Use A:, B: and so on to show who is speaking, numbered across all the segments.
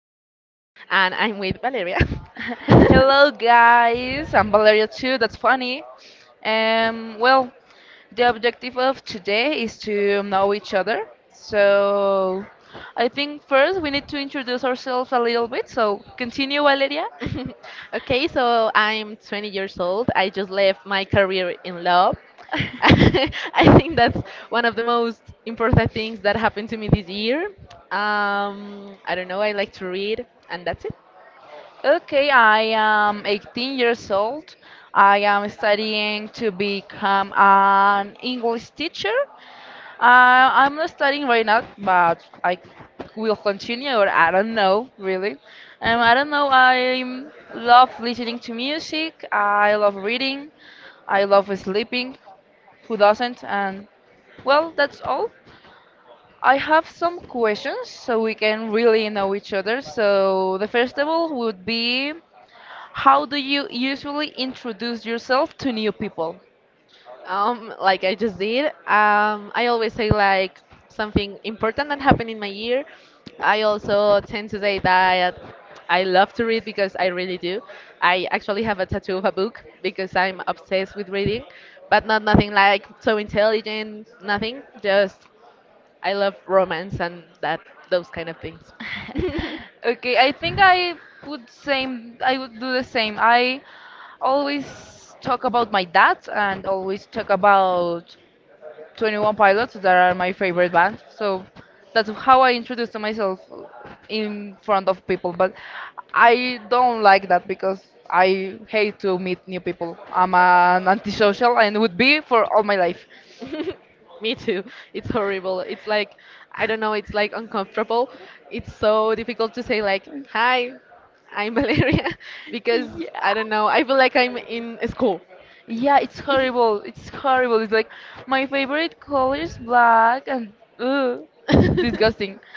A: Valeria, and I'm with Valeria.
B: Hello, guys. I'm Valeria too. That's funny. Well, the objective of today is to know each other. So, I think first we need to introduce ourselves a little bit. So, continue, Valeria.
A: Okay, so I'm 20 years old. I just left my career in law. I think that's one of the most important things that happened to me this year. I don't know, I like to read, and that's it.
B: Okay, I am 18 years old. I am studying to become an English teacher. I'm not studying right now, but I will continue, or I don't know, really. I don't know. I love listening to music. I love reading. I love sleeping. Who doesn't? And well, that's all. I have some questions so we can really know each other. So, the first of all would be, how do you usually introduce yourself to new people?
A: Like I just did. I always say like something important that happened in my year. I also tend to say that I love to read because I really do. I actually have a tattoo of a book because I'm obsessed with reading, but not nothing like so intelligent, nothing. Just I love romance and that those kind of things.
B: Okay, I think I would do the same. I always talk about my dad and always talk about 21 Pilots that are my favorite band. So that's how I introduce to myself in front of people, but I don't like that because I hate to meet new people. I'm an antisocial and would be for all my life.
A: Me too. It's horrible. It's like, I don't know, it's like uncomfortable. It's so difficult to say, like, hi, I'm Valeria, because I
B: Yeah.
A: don't know, I feel like I'm in school.
B: Yeah, it's horrible. It's horrible. It's like my favorite color is black and ugh, disgusting.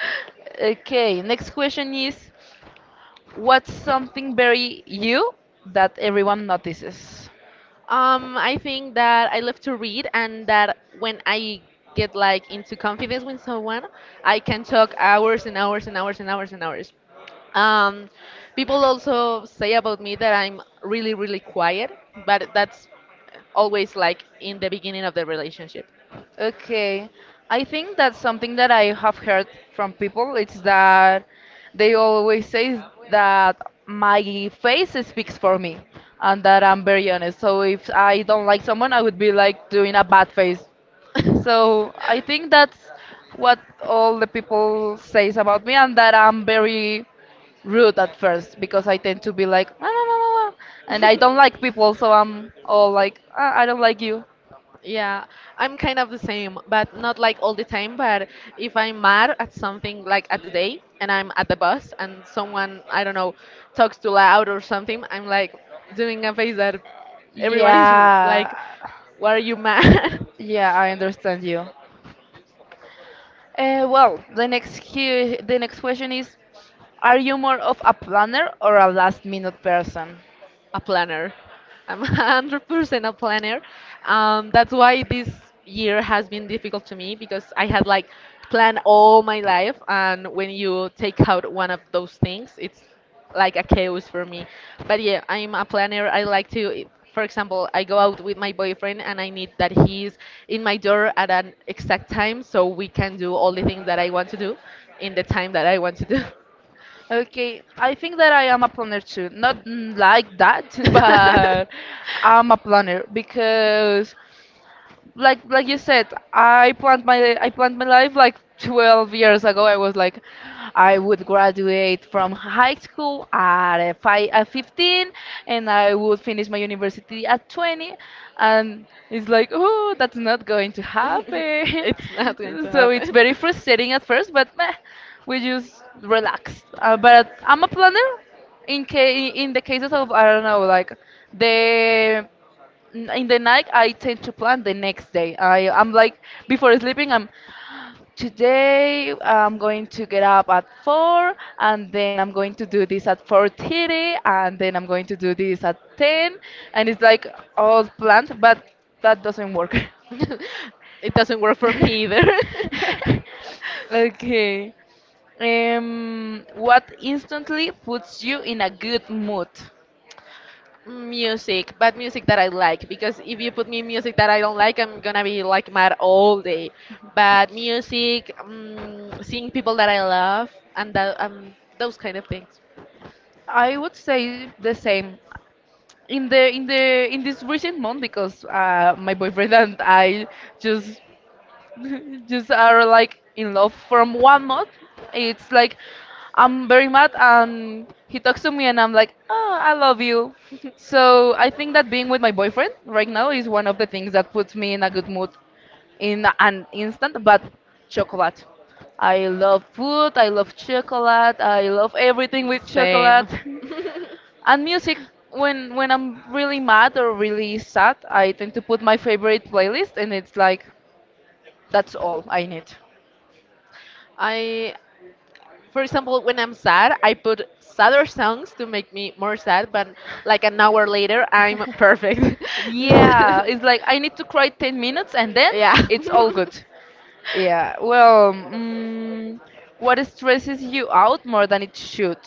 B: Okay, next question is, what's something very you that everyone notices?
A: I think that I love to read, and that when I get like into confidence with someone, I can talk hours and hours and hours and hours and hours. Um, People also say about me that I'm really, really quiet, but that's always like in the beginning of the relationship
B: Okay, I think that's something that I have heard from people. It's that they always say that my face speaks for me and that I'm very
A: young.
B: honest. So if I don't like someone, I would be like doing a bad face. So I think
A: That
B: that's what all the people says about me, and that I'm very rude at first because I tend to be like, "Ah, ah, ah, ah," and I don't like people, so I'm all like, "Ah, I don't like you."
A: yeah, I'm kind of the same, but not like all the time. But if I'm mad at something, like at the day, and I'm at the bus, and someone, I don't know, talks too loud or something, I'm like doing a face that everyone is
B: Yeah,
A: like, why are you mad?
B: yeah, I understand you. Well, the next question is, are you more of a planner or a last minute person?
A: A planner. I'm 100% a planner. That's why this year has been difficult to me because I had like planned all my life, and when you take out one of those things, it's like a chaos for me. But yeah, I'm a planner. I like to, for example, I go out with my boyfriend and I need that he's in my door at an exact time so we can do all the things that I want to do in the time that I want to do.
B: Okay, I think that I am a planner too. Not like that, but I'm a planner because like you said, I planned my life like 12 years ago. I was like, I would graduate from high school at 15, and I would finish my university at 20, and it's like, oh, that's not going to happen.
A: It's not going to
B: So it's
A: happen.
B: very frustrating at first, but meh, we just relax. But I'm a planner in the cases of, I don't know, like the in the night. I tend to plan the next day. I'm like, before sleeping, I'm, today I'm going to get up at 4, and then I'm going to do this at 4:30, and then I'm going to do this at 10, and it's like all planned, but that doesn't work.
A: It doesn't work for me either.
B: Okay, what instantly puts you in a good mood?
A: Music, but music that I like because if you put me music that I don't like, I'm gonna be like mad all day. But music, seeing people that I love, and that, those kind of things.
B: I would say the same in this recent month because my boyfriend and I just just are like in love from 1 month. It's like I'm very mad and he talks to me and I'm like, oh, I love you. So I think that being with my boyfriend right now is one of the things that puts me in a good mood in an instant. But chocolate, I love food. I love chocolate. I love everything with chocolate.
A: Same.
B: And music, when I'm really mad or really sad, I tend to put my favorite playlist, and it's like that's all I need.
A: I, for example, when I'm sad, I put sadder songs to make me more sad, but like an hour later, I'm perfect.
B: Yeah, it's like I need to cry 10 minutes, and then
A: Yeah.
B: it's all good. Yeah. Well, what stresses you out more than it should?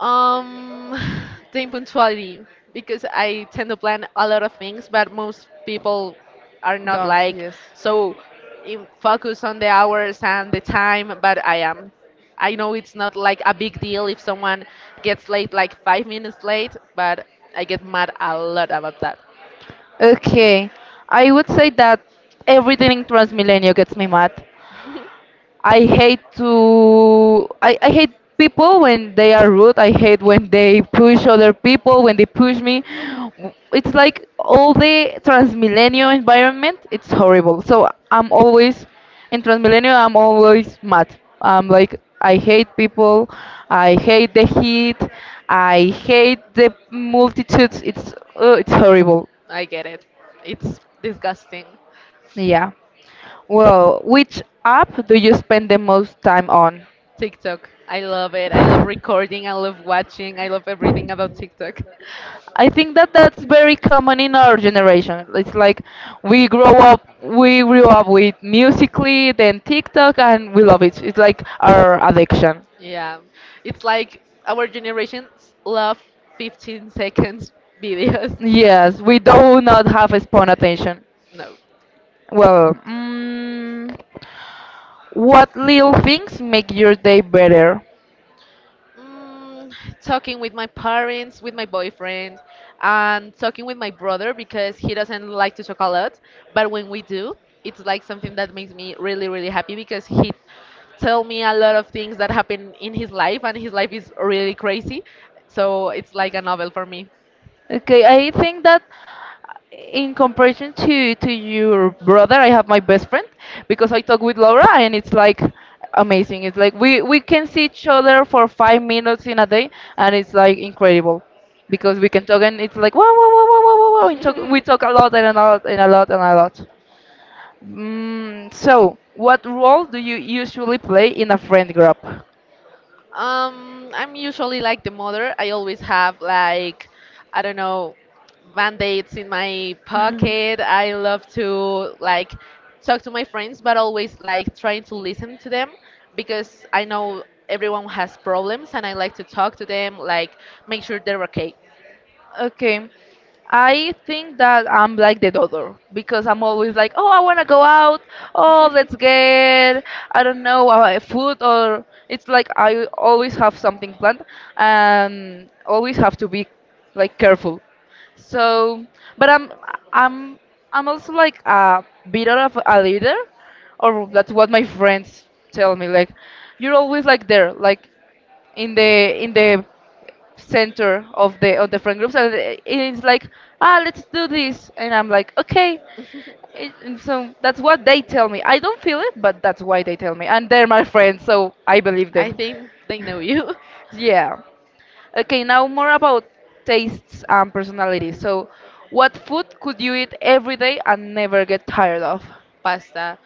A: Um, the impunctuality, because I tend to plan a lot of things, but most people are not
B: Don't.
A: like
B: Yes.
A: so in focus on the hours and the time, but I am. I know it's not like a big deal if someone gets late like 5 minutes late, but I get mad a lot about that.
B: Okay. I would say that everything in Transmilenio gets me mad. I hate people when they are rude. I hate when they push other people, when they push me. It's like all the transmillennial environment, it's horrible. So I'm always in transmillennial, I'm always mad. I'm like, I hate people, I hate the heat, I hate the multitudes. It's horrible.
A: I get it. It's disgusting.
B: Yeah. Well, which app do you spend the most time on?
A: TikTok. I love it. I love recording. I love watching. I love everything about TikTok.
B: I think that that's very common in our generation. It's like we grew up with Musically, then TikTok, and we love it. It's like our addiction.
A: Yeah, it's like our generations love 15 seconds videos.
B: Yes, we do not have a spawn attention.
A: No.
B: Well, what little things make your day better?
A: Mm, talking with my parents, with my boyfriend, and talking with my brother because he doesn't like to talk a lot. But when we do, it's like something that makes me really, really happy because he tell me a lot of things that happen in his life, and his life is really crazy. So it's like a novel for me.
B: Okay, I think that, in comparison to your brother, I have my best friend because I talk with Laura and it's like amazing. It's like we can see each other for 5 minutes in a day and it's like incredible because we can talk and it's like wow wow wow wow wow wow wow. We talk a lot and a lot and a lot and a lot. So, what role do you usually play in a friend group?
A: I'm usually like the mother. I always have like, I don't know, band-aids in my pocket. I love to like talk to my friends, but always like trying to listen to them because I know everyone has problems and I like to talk to them, like make sure they're okay.
B: Okay. I think that I'm like the other because I'm always like, oh, I want to go out. Oh, let's get, I don't know, food, or it's like I always have something planned and always have to be like careful. So, but I'm I'm also like a bit of a leader, or that's what my friends tell me. Like, you're always like there. Like, in the center of the friend groups, and it's like, ah, let's do this, and I'm like, okay. And so that's what they tell me. I don't feel it, but that's why they tell me, and they're my friends, so I believe
A: I
B: them.
A: think they know you.
B: Yeah. Okay, now more about tastes and personality. So, what food could you eat every day and never get tired of?
A: Pasta.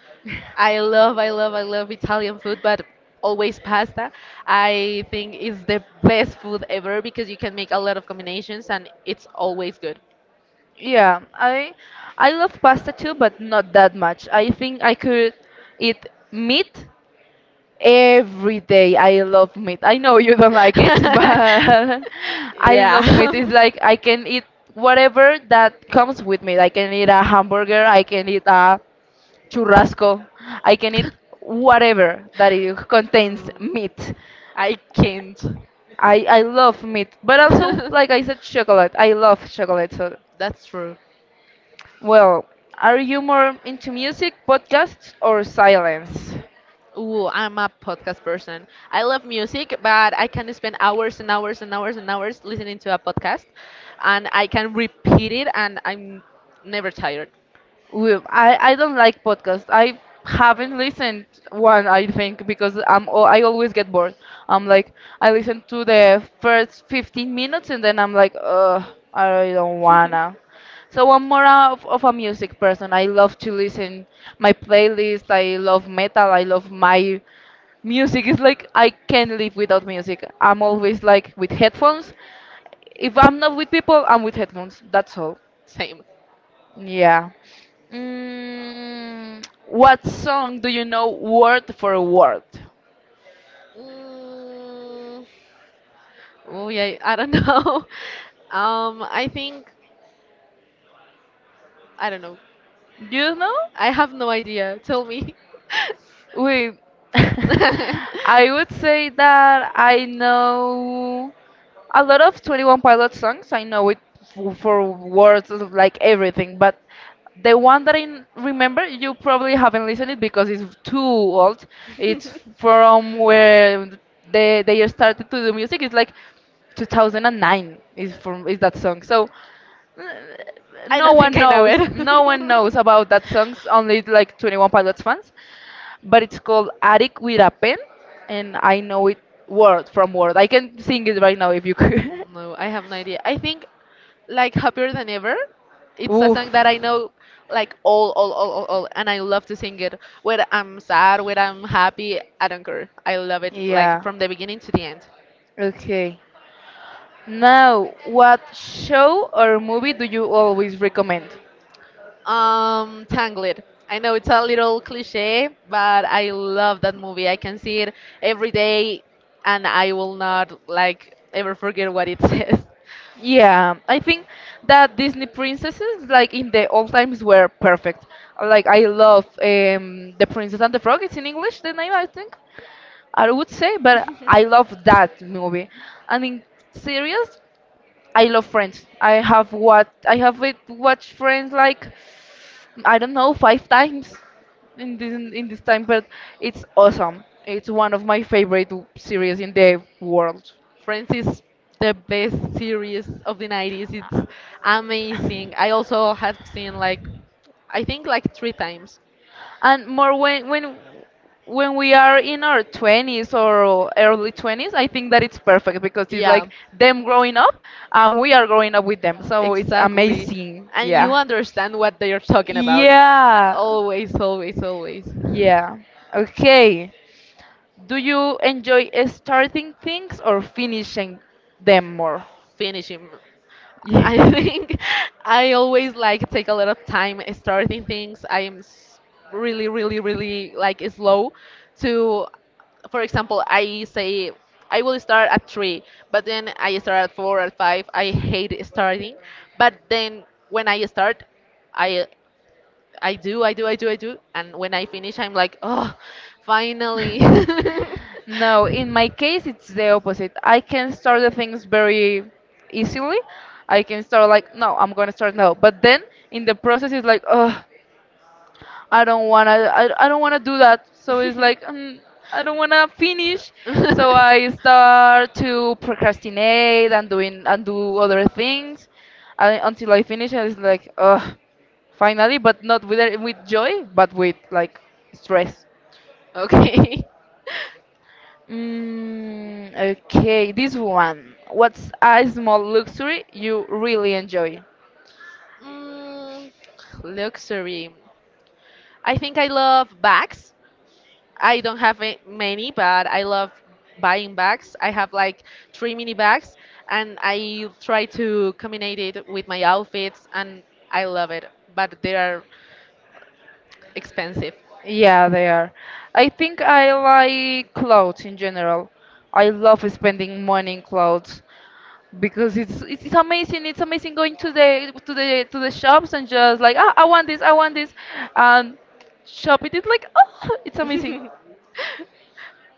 A: I love, I love, I love Italian food, but always pasta. I think it's the best food ever because you can make a lot of combinations and it's always good.
B: Yeah, I love pasta too, but not that much. I think I could eat meat every day. I love meat. I know you don't like it, but I love
A: Yeah.
B: meat. It's like I can eat whatever that comes with meat. I can eat a hamburger, I can eat a churrasco, I can eat whatever that it contains
A: Mm,
B: meat.
A: I can't.
B: I love meat, but also, like I said, chocolate. I love chocolate. So,
A: That's true.
B: well, are you more into music, podcasts, or silence?
A: Ooh, I'm a podcast person. I love music, but I can spend hours and hours and hours and hours listening to a podcast, and I can repeat it, and I'm never tired.
B: Well, I don't like podcasts. I haven't listened one, I think, because I always get bored. I'm like, I listen to the first 15 minutes and then I'm like, ugh, I really don't wanna. So I'm more of a music person. I love to listen my playlist. I love metal. I love my music. It's like I can't live without music. I'm always like with headphones. If I'm not with people, I'm with headphones. That's all.
A: Same.
B: Yeah. What song do you know word for word?
A: Mm, oh yeah, I don't know. I think I don't know.
B: Do you know?
A: I have no idea. Tell me.
B: We,
A: I
B: I would say that I know a lot of 21 Pilot songs. I know it for words of, like, everything, but the one that I remember, you probably haven't listened it because it's too old. It's from where they started to do music. It's like 2009 is that song. So uh,
A: don't think I know it.
B: no one knows about that song. Only like 21 Pilots fans, but it's called Attic with a Pen, and I know it word from word. I can sing it right now if you could.
A: No, I have no idea. I think like Happier Than Ever. It's a
B: Oof.
A: song that I know like all, and I love to sing it. Whether I'm sad, whether I'm happy, I don't care. I love it like
B: Yeah.
A: from the beginning to the end.
B: Okay. Now, what show or movie do you always recommend?
A: Tangled. I know it's a little cliche, but I love that movie. I can see it every day, and I will not like ever forget what it says.
B: Yeah, I think that Disney princesses, like in the old times, were perfect. Like, I love The Princess and the Frog. It's in English, the name, I think. I would say, but I love that movie. And in series, I love Friends. I have it watched Friends like, I don't know, 5 times in this time, but it's awesome. It's one of my favorite series in the world.
A: Friends is the best series of the 90s. It's amazing. I also have seen like I think like three times.
B: And more, when we are in our 20s or early 20s, I think that it's perfect because it's
A: Yeah.
B: like them growing up and we are growing up with them. So it's
A: Exactly.
B: amazing.
A: And you
B: Yeah.
A: understand what they are talking about.
B: Yeah.
A: Always, always, always
B: Yeah. Okay. Do you enjoy starting things or finishing them more?
A: finish him.
B: Yeah.
A: I think I always like take a lot of time starting things. I am s- really, really, really like slow to, for example, I say I will start at three, but then I start at four at five. I hate starting, but then when I start, I I do, I do, I do, I do, and when I finish, I'm like, oh, finally.
B: No, in my case, it's the opposite. I can start the things very easily. I can start, like, no, I'm gonna start now, but then in the process it's like, oh, I don't wanna, I don't wanna do that, so it's like I don't wanna finish, so I start to procrastinate and doing and do other things, until I finish, and it's like, oh, finally, but not with joy, but with like, stress.
A: Okay.
B: Okay, this one. What's a small luxury you really enjoy?
A: Mm, luxury. I think I love bags. I don't have a- many, but I love buying bags. I have like three mini bags, and I try to combine it with my outfits, and I love it. But they are expensive.
B: Yeah, they are. I think I like clothes in general. I love spending money in clothes because it's amazing. It's amazing going to the shops and just like, ah, I want this, and shop it. It's like, oh, it's amazing.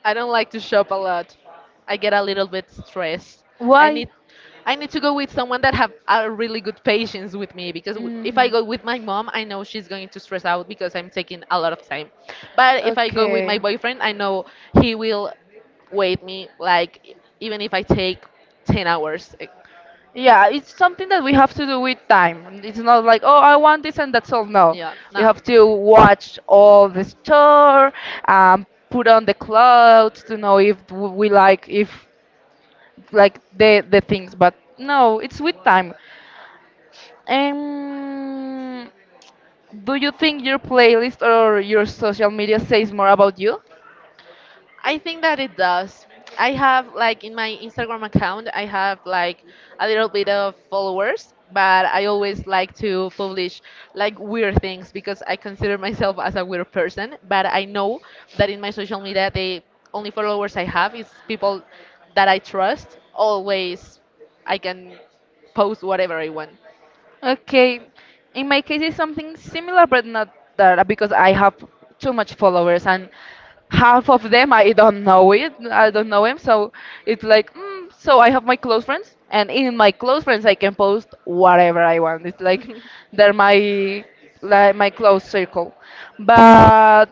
A: I don't like to shop a lot. I get a little bit stressed. I
B: Why?
A: need I need to go with someone that have a really good patience with me because w- if I
B: Hmm.
A: go with my mom, I know she's going to stress out because I'm taking a lot of time. But if I go with my
B: Okay.
A: boyfriend, I know he will wait me like e- even if I take 10 hours. Eh,
B: Yeah, it's something that we have to do with time. It's not like, oh, I want this and that's all. No,
A: yeah,
B: we
A: no.
B: have to watch all the store, put on the clothes to know if we like if like the things. But no, it's with time. Um, do you think your playlist or your social media says more about you?
A: I think that it does. I have like in my Instagram account, I have like a little bit of followers, but I always like to publish like weird things because I consider myself as a weird person. But I know that in my social media, the only followers I have is people that I trust. Always, I can post whatever I want.
B: Okay, in my case, it's something similar, but not that, because I have too much followers, and half of them I don't know it. I don't know him, so it's like, so I have my close friends, and in my close friends I can post whatever I want. It's like they're my like my close circle, but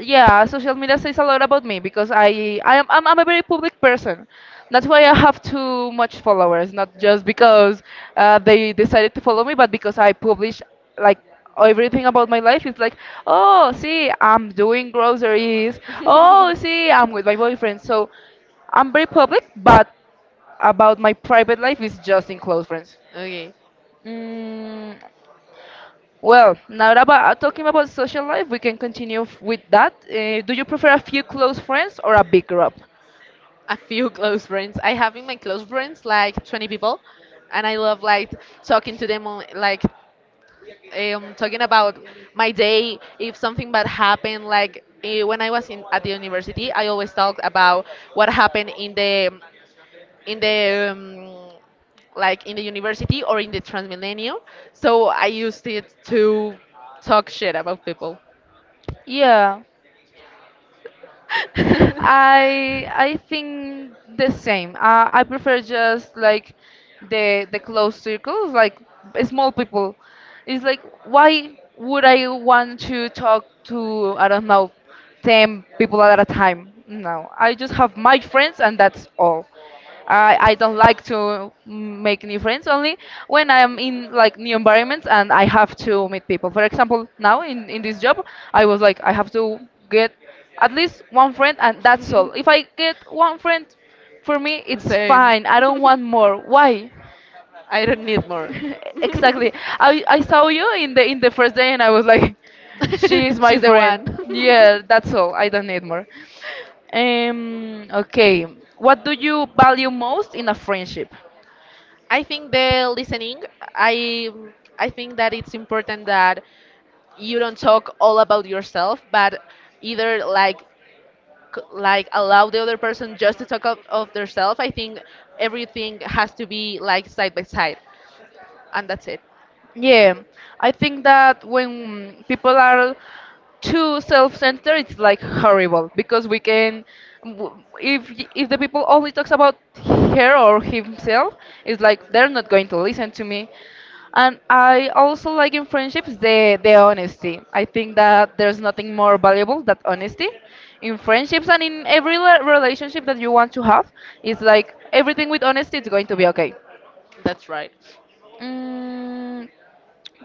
B: yeah, social media says a lot about me because I'm a very public person. That's why I have too much followers, not just because they decided to follow me, but because I publish like everything about my life. It's like, oh see, I'm doing groceries, oh see, I'm with my boyfriend, so I'm very public, but about my private life is just in close friends.
A: Okay.
B: Mm, well, now that about, talking about social life, we can continue with that. Do you prefer a few close friends or a big group?
A: A few close friends. I have in my close friends like 20 people, and I love like talking to them, on, like talking about my day. If something bad happened, like eh, when I was in at the university, I always talked about what happened in the in the um, like in the university or in the Transmillennial. So I used it to talk shit about people.
B: Yeah, I think the same. I prefer just like the close circles, like small people. It's like, why would I want to talk to, I don't know, ten people at a time? No, I just have my friends and that's all. I don't like to make new friends, only when I am in like new environments and I have to meet people. For example, now in this job, I was like, I have to get at least one friend and that's all. If I get one friend, for me, it's
A: Same.
B: fine. I don't want more. Why?
A: I don't need more.
B: exactly. I saw you in the first day and I was like, she is my
A: She's the
B: friend.
A: one.
B: Yeah, that's all. I don't need more. Okay. What do you value most in a friendship?
A: I think the listening, I I think that it's important that you don't talk all about yourself, but either like c- like allow the other person just to talk of themselves. I think everything has to be like side by side, and that's it.
B: Yeah, I think that when people are too self-centered, it's like horrible, because we can, if if the people only talks about her or himself, it's like they're not going to listen to me. And I also like in friendships the honesty. I think that there's nothing more valuable than honesty in friendships and in every relationship that you want to have. It's like everything with honesty is going to be okay.
A: That's right.
B: Mm,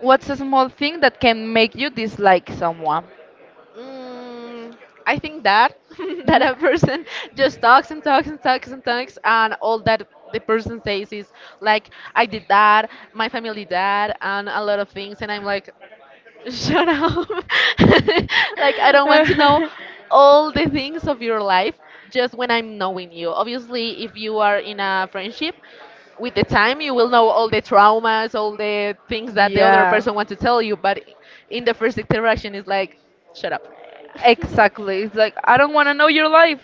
B: What's a small thing that can make you dislike someone?
A: Mm, I think that that a person just talks and talks and talks and talks and all that the person says is like I did that, my family did that, and a lot of things, and I'm like, shut up. Like, I don't want to know all the things of your life just when I'm knowing you. Obviously, if you are in a friendship, with the time you will know all the traumas, all the things that the other
B: Yeah,
A: person wants to tell you, but in the first interaction, it's like, shut up.
B: exactly. It's like, I don't want to know your life.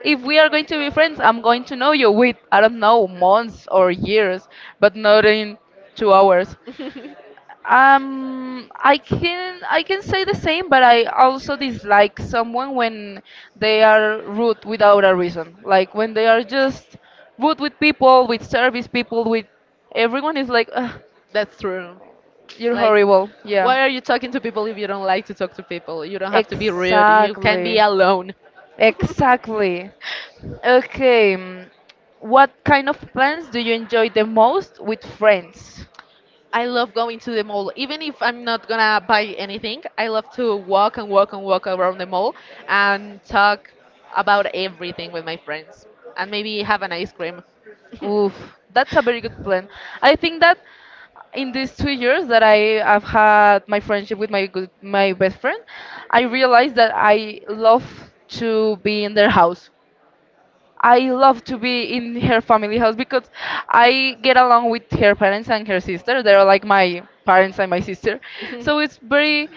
B: If we are going to be friends, I'm going to know you with, I don't know, months or years, but not in 2 hours. I can say the same, but I also dislike someone when they are rude without a reason. Like when they are just rude with people, with service people, with everyone, is like, ugh,
A: That's true.
B: you're
A: Like,
B: horrible. Yeah,
A: why are you talking to people if you don't like to talk to people? You don't have to be rude. You can be
B: exactly,
A: alone.
B: exactly. Okay, what kind of plans do you enjoy the most with friends?
A: I love going to the mall. Even if I'm not gonna buy anything, I love to walk and walk and walk around the mall and talk about everything with my friends and maybe have an ice cream.
B: Oof, that's a very good plan. I think that in these 2 years that I have had my friendship with my good, my best friend, I realized that I love to be in their house. I love to be in her family house because I get along with her parents and her sister. They're like my parents and my sister. So it's very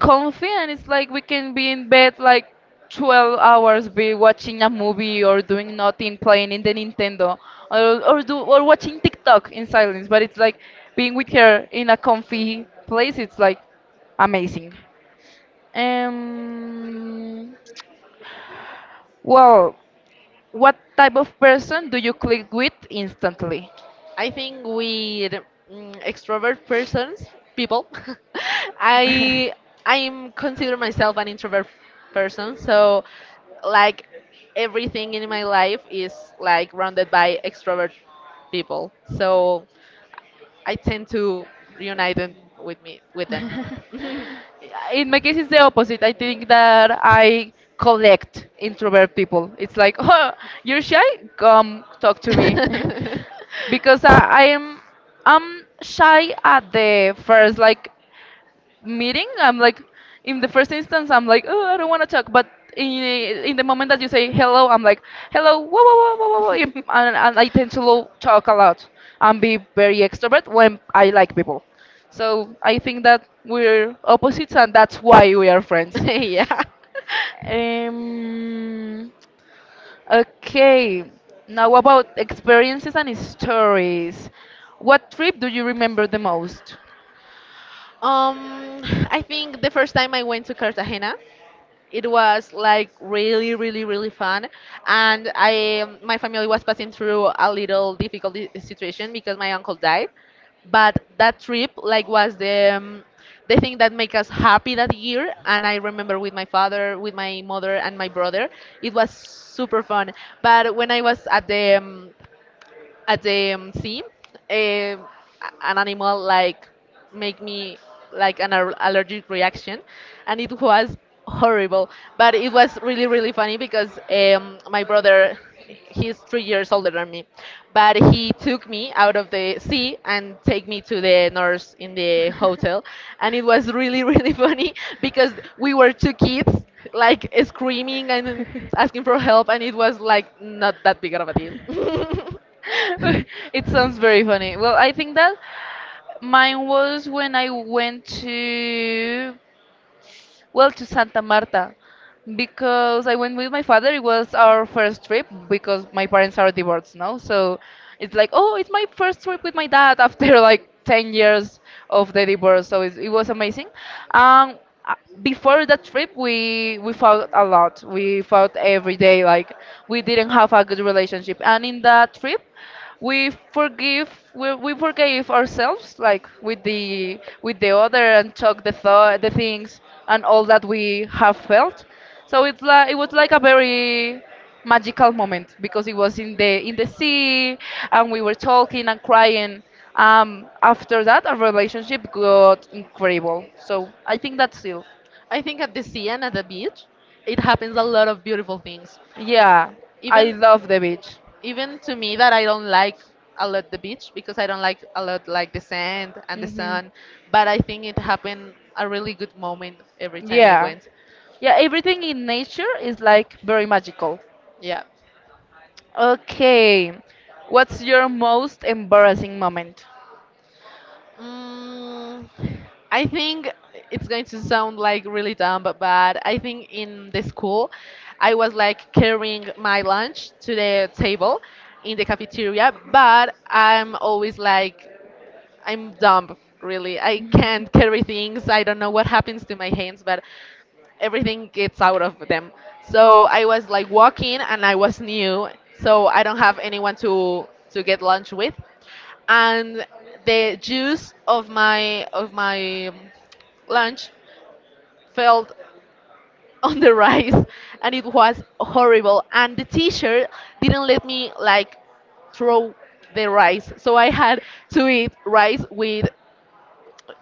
B: comfy and it's like we can be in bed like 12 hours, be watching a movie or doing nothing, playing in the Nintendo or watching TikTok in silence, but it's like being with her in a comfy place, it's like amazing. Um well, what type of person do you click with instantly?
A: I think with mm, extrovert persons, people, I I'm consider myself an introvert person, so like everything in my life is like rounded by extrovert people. So I tend to reunite them with me with them.
B: In my case, it's the opposite. I think that I collect introvert people. It's like, oh, you're shy? Come talk to me. Because I am I'm shy at the first like meeting. I'm like, in the first instance I'm like, oh, I don't want to talk, but in, in the moment that you say hello I'm like, hello, whoa. And I tend to talk a lot and be very extrovert when I like people, so I think that we're opposites and that's why we are friends.
A: The yeah.
B: um okay, now about experiences and stories, what trip do you remember the most?
A: Um,
B: The
A: I
B: first
A: think the first time
B: time I
A: I
B: went to
A: went to
B: Canada,
A: Cartagena,
B: it
A: it
B: was
A: was
B: like
A: like really,
B: really,
A: really, really
B: really fun,
A: fun,
B: and
A: and
B: I, my family
A: I
B: was
A: my
B: planning
A: family was
B: to
A: passing
B: go a
A: through a
B: little
A: little
B: bit
A: difficult I-
B: on the trip
A: situation
B: because
A: because
B: my
A: my uncle
B: uncle died.
A: died, but
B: That
A: that trip
B: trip,
A: like
B: like, was
A: was
B: the
A: the
B: thing
A: thing that
B: that made
A: make us
B: us
A: happy
B: happy that
A: that
B: year,
A: year,
B: and I
A: and I remember
B: remember
A: with my
B: my father,
A: father, with my mother, and
B: my
A: my
B: mother,
A: brother,
B: and my
A: it was super fun. But when I
B: brother. It was
A: was
B: super fun.
A: at the at the sea, eh, a- an animal like make me like an allergic reaction, and it was horrible. But it was really really funny because my brother, he's 3 years older than me, but he took me out of the sea and take me to the nurse in the hotel, and it was really really funny because we were two kids like screaming and asking for help, and it was like not that big of a deal.
B: It sounds very funny. Well, I think that mine was when I went to, well, to Santa Marta, because I went with my father. It was our first trip because my parents are divorced now. So it's like, oh, it's my first trip with my dad after like 10 years of the divorce. So it was amazing. Um, uh, Before that trip, we fought a lot. We fought every day. Like we didn't have a good relationship. And in that trip, we forgive we forgave ourselves like with the other and talk the things and all that we have felt, so it's like it was like a very magical moment because it was in the sea and we were talking and crying. After that, our relationship got incredible, so I think that's it.
A: I think at the sea and at the beach, it happens a lot of beautiful things.
B: Yeah, I
A: Even
B: love the beach.
A: even to me that I don't like a lot the beach because I don't like a lot like the sand and the
B: Hmm.
A: sun, but I think it happened a really good moment every time I
B: Yeah,
A: went.
B: yeah, everything in nature is like very magical.
A: Yeah.
B: Okay. What's your most embarrassing moment?
A: Mm, I think it's going to sound like really dumb, but I think in the school, I was like carrying my lunch to the table in the cafeteria, but I'm always like I'm dumb, really. I can't carry things. I don't know what happens to my hands, but everything gets out of them. So I was like walking and I was new, so I don't have anyone to get lunch with. And the juice of my lunch fell on the rice and it was horrible and the t-shirt didn't let me like throw the rice. So I had to eat rice with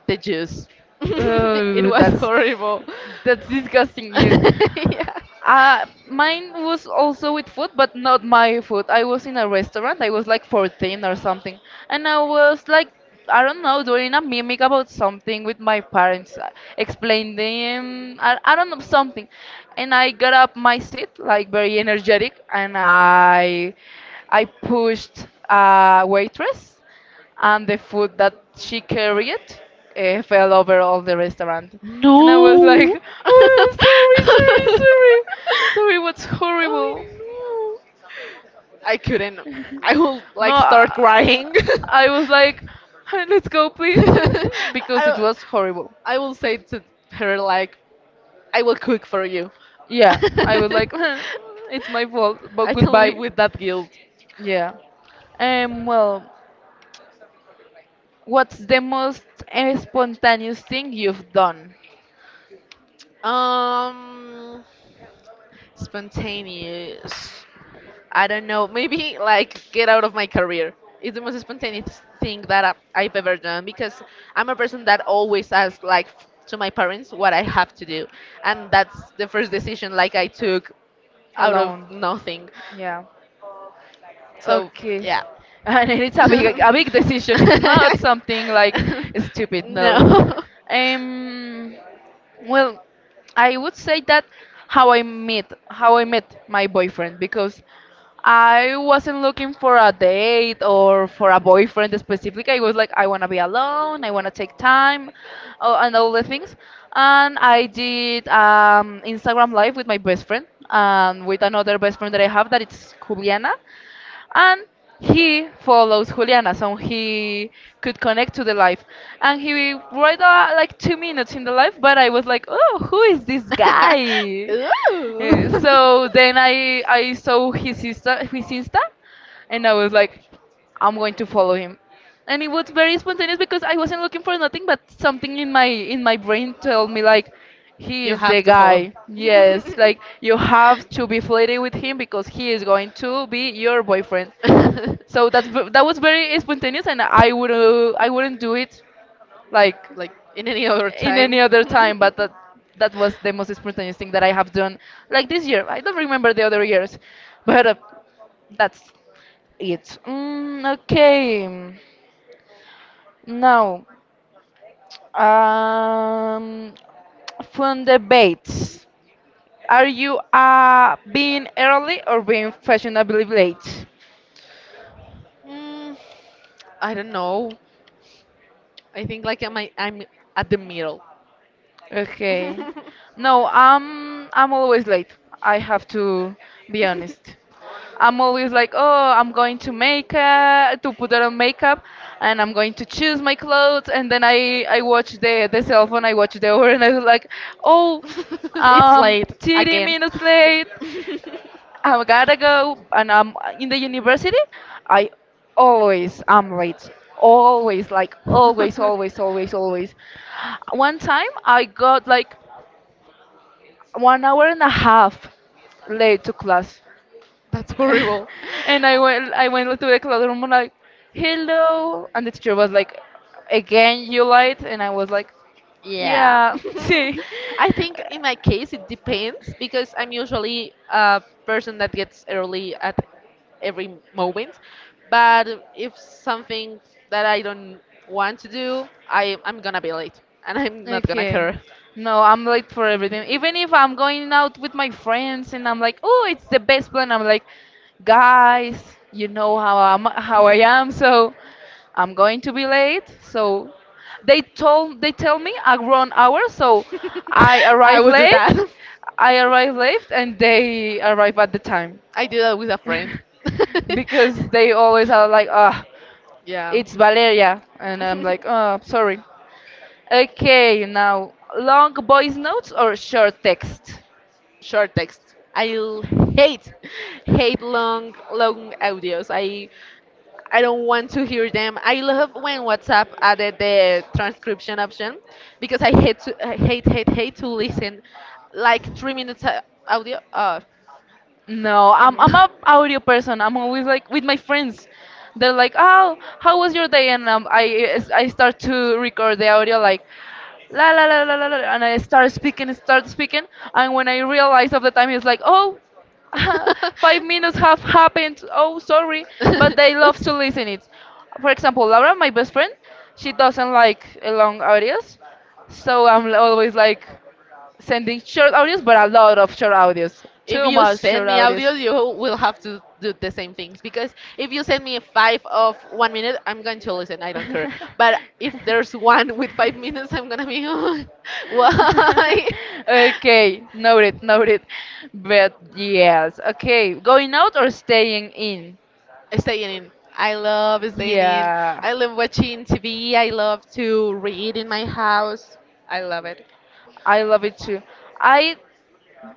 A: the juice. It
B: Oh,
A: was horrible.
B: that's disgusting you.
A: Yeah.
B: Mine was also with food, but not my food. I was in a restaurant. I was like 14 or something, and I was like, I don't know, doing a mimic about something with my parents, explaining, them, I don't know something, and I got up my seat like very energetic, and I pushed a waitress and the food that she carried fell over all the restaurant. And I was
A: No.
B: like, oh, sorry, sorry, sorry. Sorry, what's
A: Oh
B: horrible?
A: no. I couldn't. I would
B: No,
A: like start crying.
B: I was like, "Huh, let's go, please," because it
A: I,
B: was horrible.
A: I will say to her like, I will cook for you.
B: Yeah, I was like, "Huh, it's my fault, but
A: I can live
B: goodbye."
A: with that guilt.
B: Yeah. Well, what's the most spontaneous thing you've done
A: Um, Spontaneous. I don't know. Maybe like get out of my career. It's the most spontaneous thing that I've ever done because I'm a person that always asks like to my parents what I have to do, and that's the first decision like I took out of
B: alone?
A: nothing.
B: Yeah.
A: So
B: Okay.
A: yeah.
B: And it's a big decision. It's not something like stupid, no.
A: No.
B: Um well, I would say that how I met my boyfriend, because I wasn't looking for a date or for a boyfriend specifically. I was like, I want to be alone, I want to take time, and all the things. And I did Instagram live with my best friend and with another best friend that I have that it's Juliana, and he follows Juliana, so he could connect to the live. And he read like 2 minutes in the live, but I was like, oh, who is this guy?
A: Ooh.
B: So then I saw his Insta, and I was like, I'm going to follow him, and it was very spontaneous because I wasn't looking for nothing, but something in my brain told me like, he
A: You
B: is the
A: have to follow.
B: guy. Yes, like you have to be flirty with him because he is going to be your boyfriend. So that's that was very spontaneous, and I would I wouldn't do it like
A: Like in any other
B: in
A: time.
B: any other time, but that was the most spontaneous thing that I have done like this year. I don't remember the other years, but that's it. Okay. Now. Um, fun debates. Are you being early or being fashionably late?
A: Mm, I don't know. I think like I'm at the middle.
B: Okay. No, I'm always late. I have to be honest. I'm always like, oh, I'm going to make to put on makeup, and I'm going to choose my clothes, and then I watch the cell phone, I watch the hour, and I was like, oh,
A: It's late
B: 30
A: again.
B: minutes late. I've gotta go, and I'm in the university. I always am late. Always, like always, always, always, always. One time I got like 1 hour and a half late to class,
A: That's horrible.
B: and I went to the classroom and like, hello, and the teacher was like, again you late, and I was like,
A: Yeah.
B: yeah, see.
A: I think in my case it depends because I'm usually a person that gets early at every moment. But if something that I don't want to do, I'm gonna be late and I'm not gonna
B: Okay.
A: care.
B: No, I'm late for everything. Even if I'm going out with my friends and I'm like, oh, it's the best plan. I'm like, guys, you know how how I am, so I'm going to be late. So they tell me around hour, so I arrive late. I arrive late, and they arrive at the time
A: I do that with a friend. They
B: because they always are like, ah,
A: yeah.
B: it's Valeria, and I'm like, oh, sorry. Okay, now long voice notes or short text?
A: Short text. I l- hate hate long long audios. I don't want to hear them. I love when WhatsApp added the transcription option because I hate to I hate hate hate to listen like 3 minutes audio.
B: No, I'm
A: Mm.
B: a audio person. I'm always like with my friends. They're like, "Oh, how was your day?" And I start to record the audio like, "la la la la la, la," and I start speaking, and when I realize of the time, it's like, "Oh, 5 minutes have happened. Oh, sorry," but they love
A: Oops.
B: to listen it. For example, Laura, my best friend, she doesn't like long audios, so I'm always like sending short audios, but a lot of short audios.
A: If
B: Too
A: you
B: much
A: send
B: short
A: me
B: audios.
A: audios, you will have to do the same things because if you send me five of 1 minute, I'm going to listen. I don't care. But if there's one with 5 minutes, I'm gonna be why?
B: Okay, noted, noted. But yes, okay, going out or staying in?
A: Staying in. I love staying in.
B: Yeah,
A: I love watching TV. I love to read in my house. I love it.
B: I love it too. I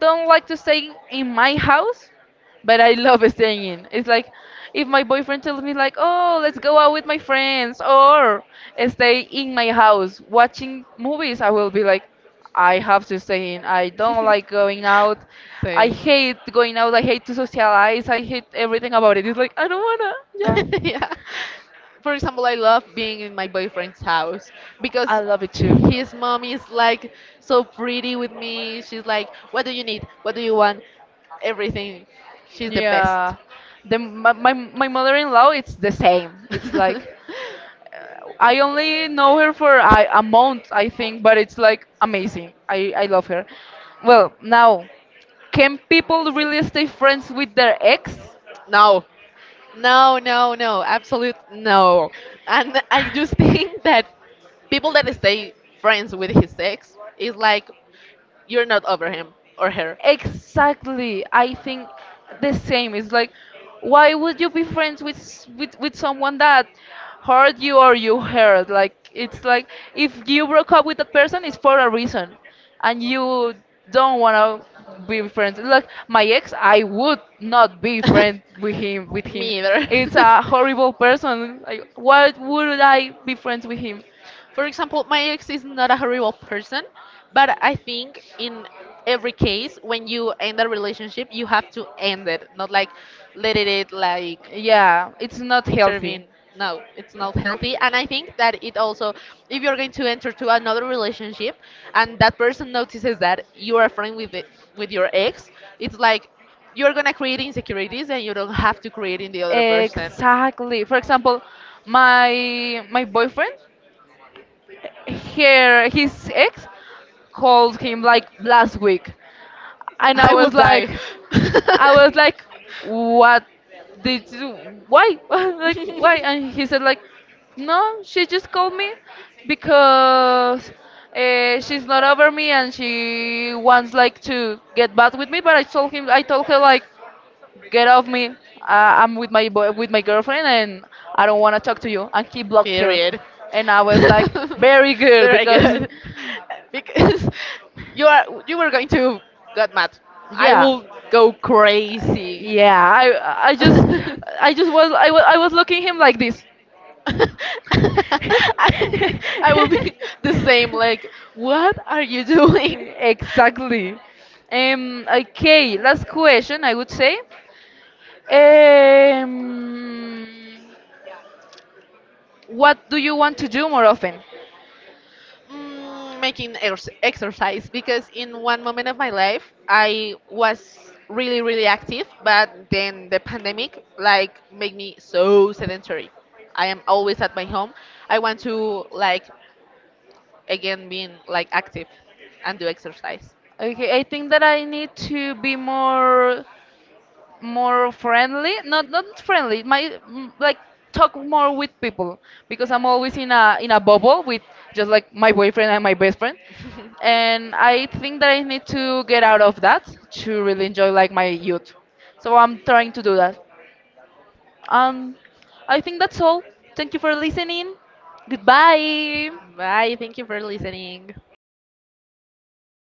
B: don't like to stay in my house, but I love staying in. It's like if my boyfriend tells me like, "Oh, let's go out with my friends," or stay in my house watching movies, I will be like, "I have to stay in. I don't like going out. I
A: Same.
B: hate going out. I hate to socialize. I hate everything about it." It's like I don't wanna. Yeah,
A: Yeah. For example, I love being in my boyfriend's house because
B: I love it too.
A: his mom is like so pretty with me. She's like, "What do you need? What do you want? Everything." She's the best.
B: Yeah. Then my mother-in-law, it's the same. It's like I only know her for a month, I think, but it's like amazing. I love her. Well, now, can people really stay friends with their ex?
A: No, no, no, no, absolute no. And I just think that people that stay friends with his ex is like you're not over him or her.
B: Exactly. I think the same. It's like, why would you be friends with with someone that hurt you or you hurt? Like it's like if you broke up with that person, it's for a reason, and you don't wanna be friends. Like my ex, I would not be friends with him. With
A: Him.
B: him,
A: Me either.
B: it's a horrible person. Like, why would I be friends with him?
A: For example, my ex is not a horrible person, but I think in every case, when you end a relationship, you have to end it, not like let it like
B: Yeah, it's not healthy.
A: intervene. No, it's not healthy. And I think that it also, if you're going to enter to another relationship and that person notices that you are a friend with it, with your ex, it's like you're gonna create insecurities and you don't have to create in the other person.
B: Exactly. For example, my boyfriend, here his ex called him
A: Like
B: like last week, and
A: I will like, die.
B: I was like, what did you? Why? Like why? And he said like, no, she just called me because she's not over me and she wants like to get back with me. But I told him, I told her like get off me. I'm with my boy, with my girlfriend, and I don't want to talk to you. And he blocked her,
A: Period.
B: and I was like, very good
A: Very
B: because,
A: good. Because you are you were going to get mad. I
B: yeah,
A: will go crazy.
B: yeah. I just
A: I,
B: I just was I was looking him like this.
A: I will be the same. Like, what are you doing?
B: Exactly. Okay. Last question. I would say. Um. What do you want to do more often?
A: Mm, making exercise because in one moment of my life I was really really active, but then the pandemic like made me so sedentary. I am always at my home. I want to like again being like active and do exercise.
B: Okay, I think that I need to be more friendly. Not friendly. My like talk more with people because I'm always in a bubble with just like my boyfriend and my best friend. And I think that I need to get out of that to really enjoy like my youth. So I'm trying to do that. Um I think that's all. Thank you for listening. Goodbye.
A: Bye. Thank you for listening.